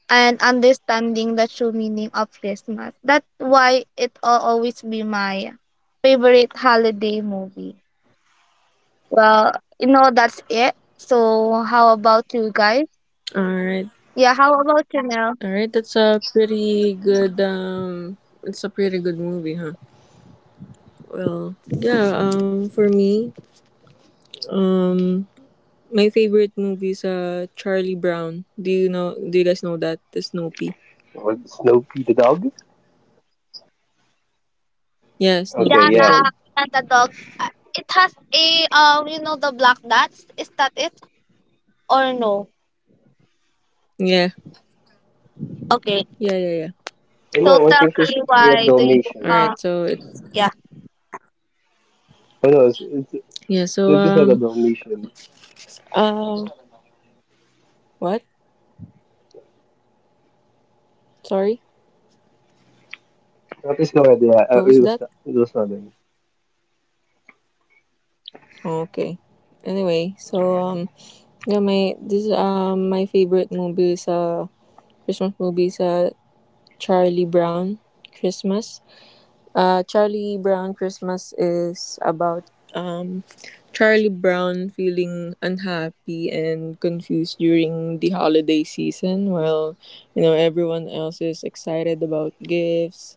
C: and understanding the true meaning of Christmas. That's why it'll always be my favorite holiday movie. Well, you know that's it. So how about you guys?
A: All right.
C: Yeah, how about you now?
A: All right. That's a pretty good. It's a pretty good movie, huh? Well. Yeah. For me. Um. My favorite movie is Charlie Brown. Do you know? Do you guys know that, the Snoopy?
B: Or Snoopy the dog?
A: Yeah,
B: Okay,
C: Yeah,
A: Snoopy the
C: the
B: yeah.
A: dog.
C: and the dog. It has a you know, the black dots. Is that it or no?
A: Yeah. Yeah.
C: Okay.
A: Yeah. Yeah.
B: I
C: So
B: know, I
C: tell
B: think he's
C: me
B: thinking of
C: why do
A: All
C: you
A: right.
B: Dalmatians.
A: So
C: uh
A: it.
C: yeah.
B: Oh no,
A: Yeah. So
B: Snoopy's not a Dalmatian.
A: Um, what? Sorry,
B: That is not idea.
A: what was
B: It was
A: that?
B: it was nothing.
A: Oh, okay. Anyway, so yeah, my favorite movie is Christmas movie is Charlie Brown Christmas. Charlie Brown Christmas is about um Charlie Brown feeling unhappy and confused during the holiday season, while everyone else is excited about gifts,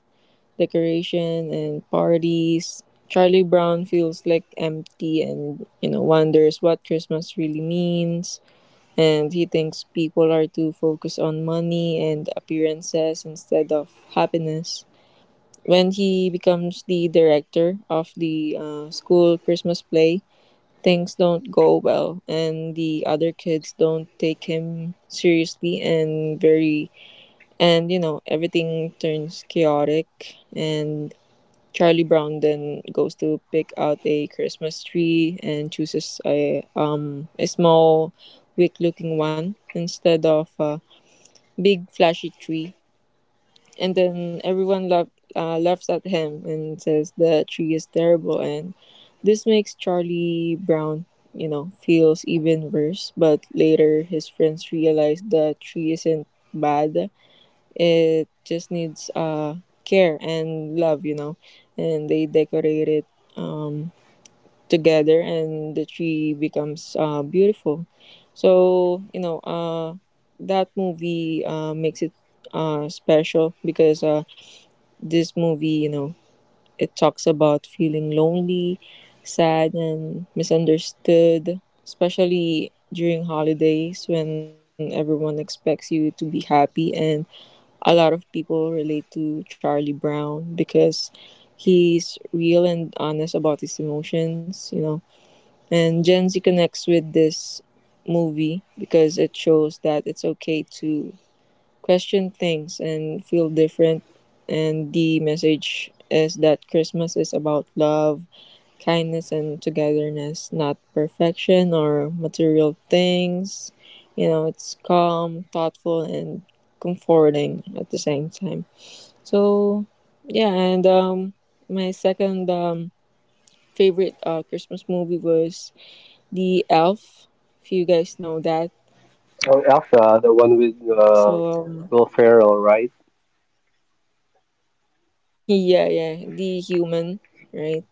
A: decoration, and parties. Charlie Brown feels like empty, and wonders what Christmas really means, and he thinks people are too focused on money and appearances instead of happiness. When he becomes the director of the school Christmas play, things don't go well, and the other kids don't take him seriously, and everything turns chaotic. And Charlie Brown then goes to pick out a Christmas tree, and chooses a small, weak looking one, instead of a big flashy tree. And then laughs at him, and says the tree is terrible. And this makes Charlie Brown, you know, feels even worse. But later his friends realize the tree isn't bad, it just needs care and love, you know. And they decorate it um, together, and the tree becomes beautiful. So that movie makes it special, because this movie, you know, it talks about feeling lonely, sad, and misunderstood, especially during holidays when everyone expects you to be happy. And a lot of people relate to Charlie Brown because he's real and honest about his emotions, you know. And Gen Z connects with this movie because it shows that it's okay to question things and feel different. And the message is that Christmas is about love, kindness, and togetherness, not perfection or material things. You know, it's calm, thoughtful, and comforting at the same time. So yeah, and my second favorite Christmas movie was The Elf, if you guys know that.
B: Oh, Elsa, the one with
A: So,
B: Will Ferrell, right?
A: yeah, yeah, The Human, right?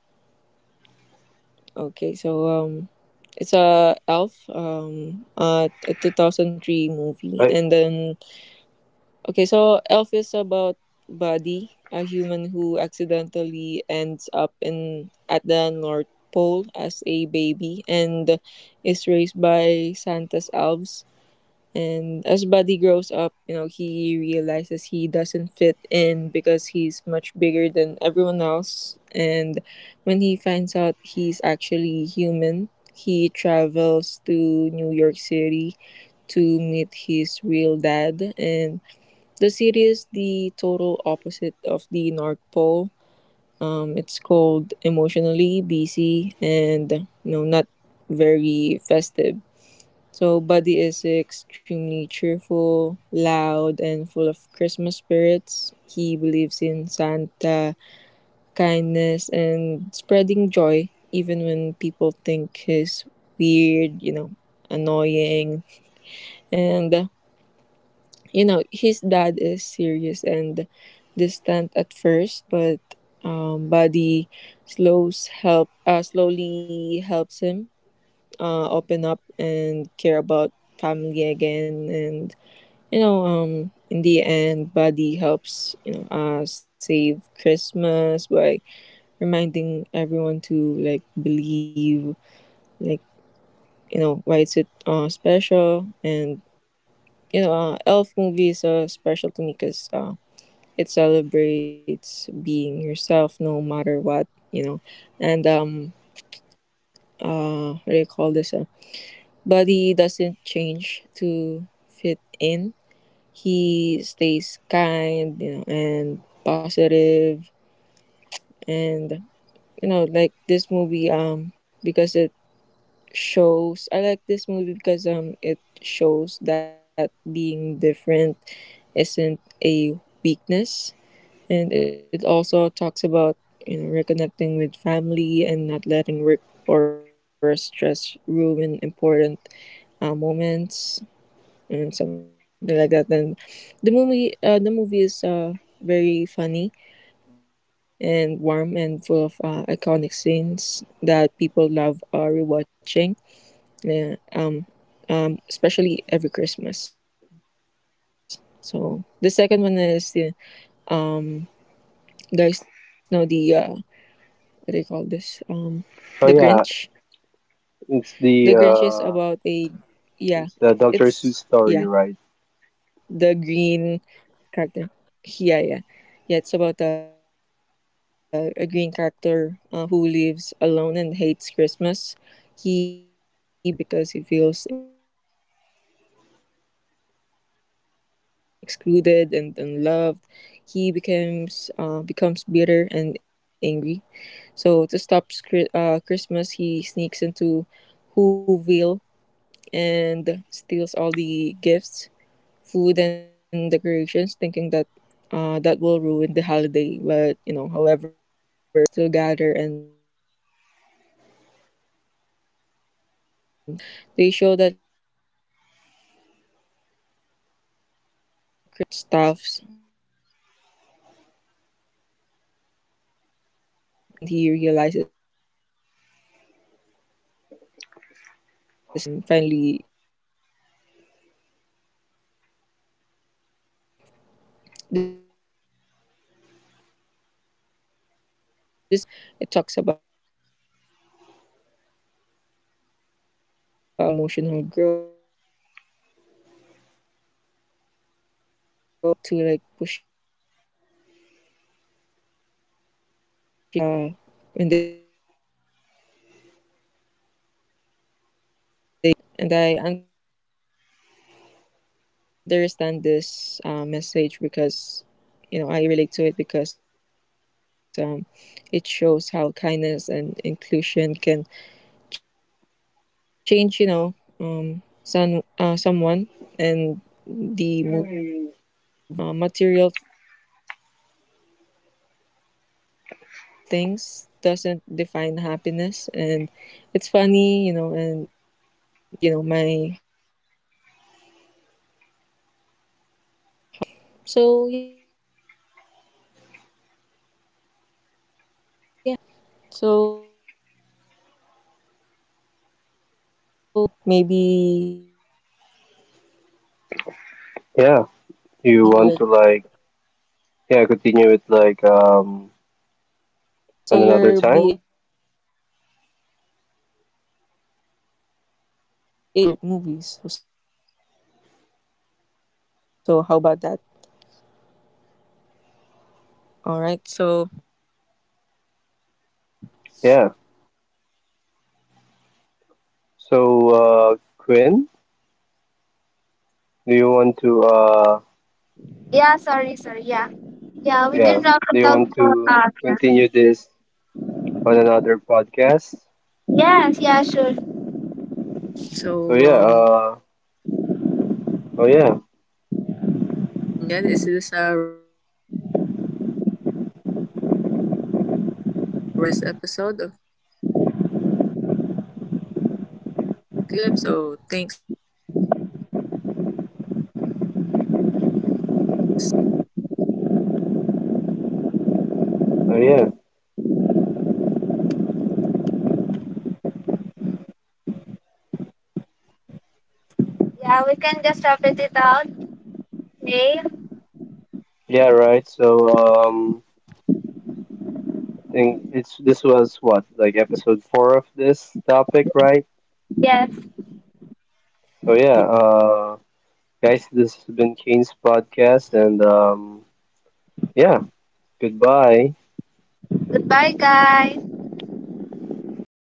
A: Okay, so it's a Elf, a 2003 movie,
B: Right?
A: and then okay, so Elf is about Buddy, a human who accidentally ends up in at the North Pole as a baby, and is raised by Santa's elves. And as Buddy grows up, you know, he realizes he doesn't fit in because he's much bigger than everyone else. And when he finds out he's actually human, he travels to New York City to meet his real dad. And the city is the total opposite of the North Pole. It's cold, emotionally busy and not very festive. So Buddy is extremely cheerful, loud, and full of Christmas spirits. He believes in Santa, kindness, and spreading joy, even when people think he's weird, you know, annoying. And, uh, his dad is serious and distant at first, but Buddy slowly helps him open up and care about family again. And in the end Buddy helps, save Christmas by reminding everyone to like believe, like why it's it special. And Elf movie is special to me because it celebrates being yourself no matter what, you know and what do you call this Buddy doesn't change to fit in. He stays kind, you know, and positive. And you know, like this movie because it shows I like this movie because it shows that being different isn't a weakness. And it also talks about, you know, reconnecting with family and not letting work or stress ruin important moments and something like that. And the movie is, very funny and warm and full of iconic scenes that people love rewatching. Yeah, especially every Christmas. So the second one is the, um, guys know the, what do you call this? The Grinch.
B: Oh
A: The
B: yeah,
A: Grinch is about a,
B: it's the
A: yeah.
B: uh,
A: It's,
B: it's
A: yeah,
B: the Dr.
A: the
B: Seuss
A: green
B: story, right?
A: character. Yeah, yeah. Yeah, it's about a green character who lives alone and hates Christmas. He believes Christmas is fake and all about presents and decoration because he feels excluded and unloved. He becomes bitter and angry. So to stop Christmas, he sneaks into Whoville and steals all the gifts, food and decorations, thinking that that will ruin the holiday. But you know, however, when Christmas morning comes, the people of Whoville still gather and celebrate together, even without their presents. And they show that Christmas is about community and love, not stuffs. You know, and this movie changes the Grinch heart and he realizes that he was wrong and he returns everything and finally feels accepted. So, you know um this movie, the Grinch, is special for me because, it talks about, you know, loneliness, healing and emotional growth. Many people usually relate to like pushing others away when, you know uh, when they uh, when they feel hurt. And I understand this message because, you know, I relate to it because, it shows how kindness and inclusion can change, someone. And the movie also reminds us to like that mat- material things doesn't define happiness. And it's funny, you know, and emotional and meaningful at the same time, making it, you know, my holiday or a Christmas movie favorite. So yeah, that's pretty much it. So oh my god, we're running out of time. Maybe, you know, guys, we could continue this and
B: Yeah.
A: you
B: You
A: know
B: want to
A: to like
B: like
A: yeah
B: yeah continue it
A: to
B: like
A: yeah,
B: on
A: yeah. So
B: another
A: you're
B: time?
A: be a- yeah. So you're we will be able to like share your favorite movies. So how about that? All right. So
B: Yeah. So
A: I think
B: Quinn.
A: that's
B: Do you want
A: uh
B: to
A: that
B: uh
A: wraps up our
C: Yeah,
A: Christmas
C: sorry, sorry.
A: episode.
C: Yeah. Yeah, we
B: yeah,
C: can wrap
B: do
C: it
B: you
C: out
B: want
C: for
B: to continue this on another podcast?
C: yes, yeah, sure.
B: So yeah,
A: So all right.
B: oh yeah,
A: So is it a yeah? Is this a wrap for this episode? Okay, so we hope this made you feel nostalgic and festive. So thanks for listening, Kane's podcast, and Merry Christmas, everyone.
B: oh yeah.
C: Yeah, we can just wrap it out. Okay?
B: Yeah, right. So I think it's this was what, like episode 4 of this topic, right?
C: Yes.
A: Yeah,
B: So yeah, guys, this has been Kane's podcast and yeah, goodbye.
C: Goodbye guys.
A: goodbye.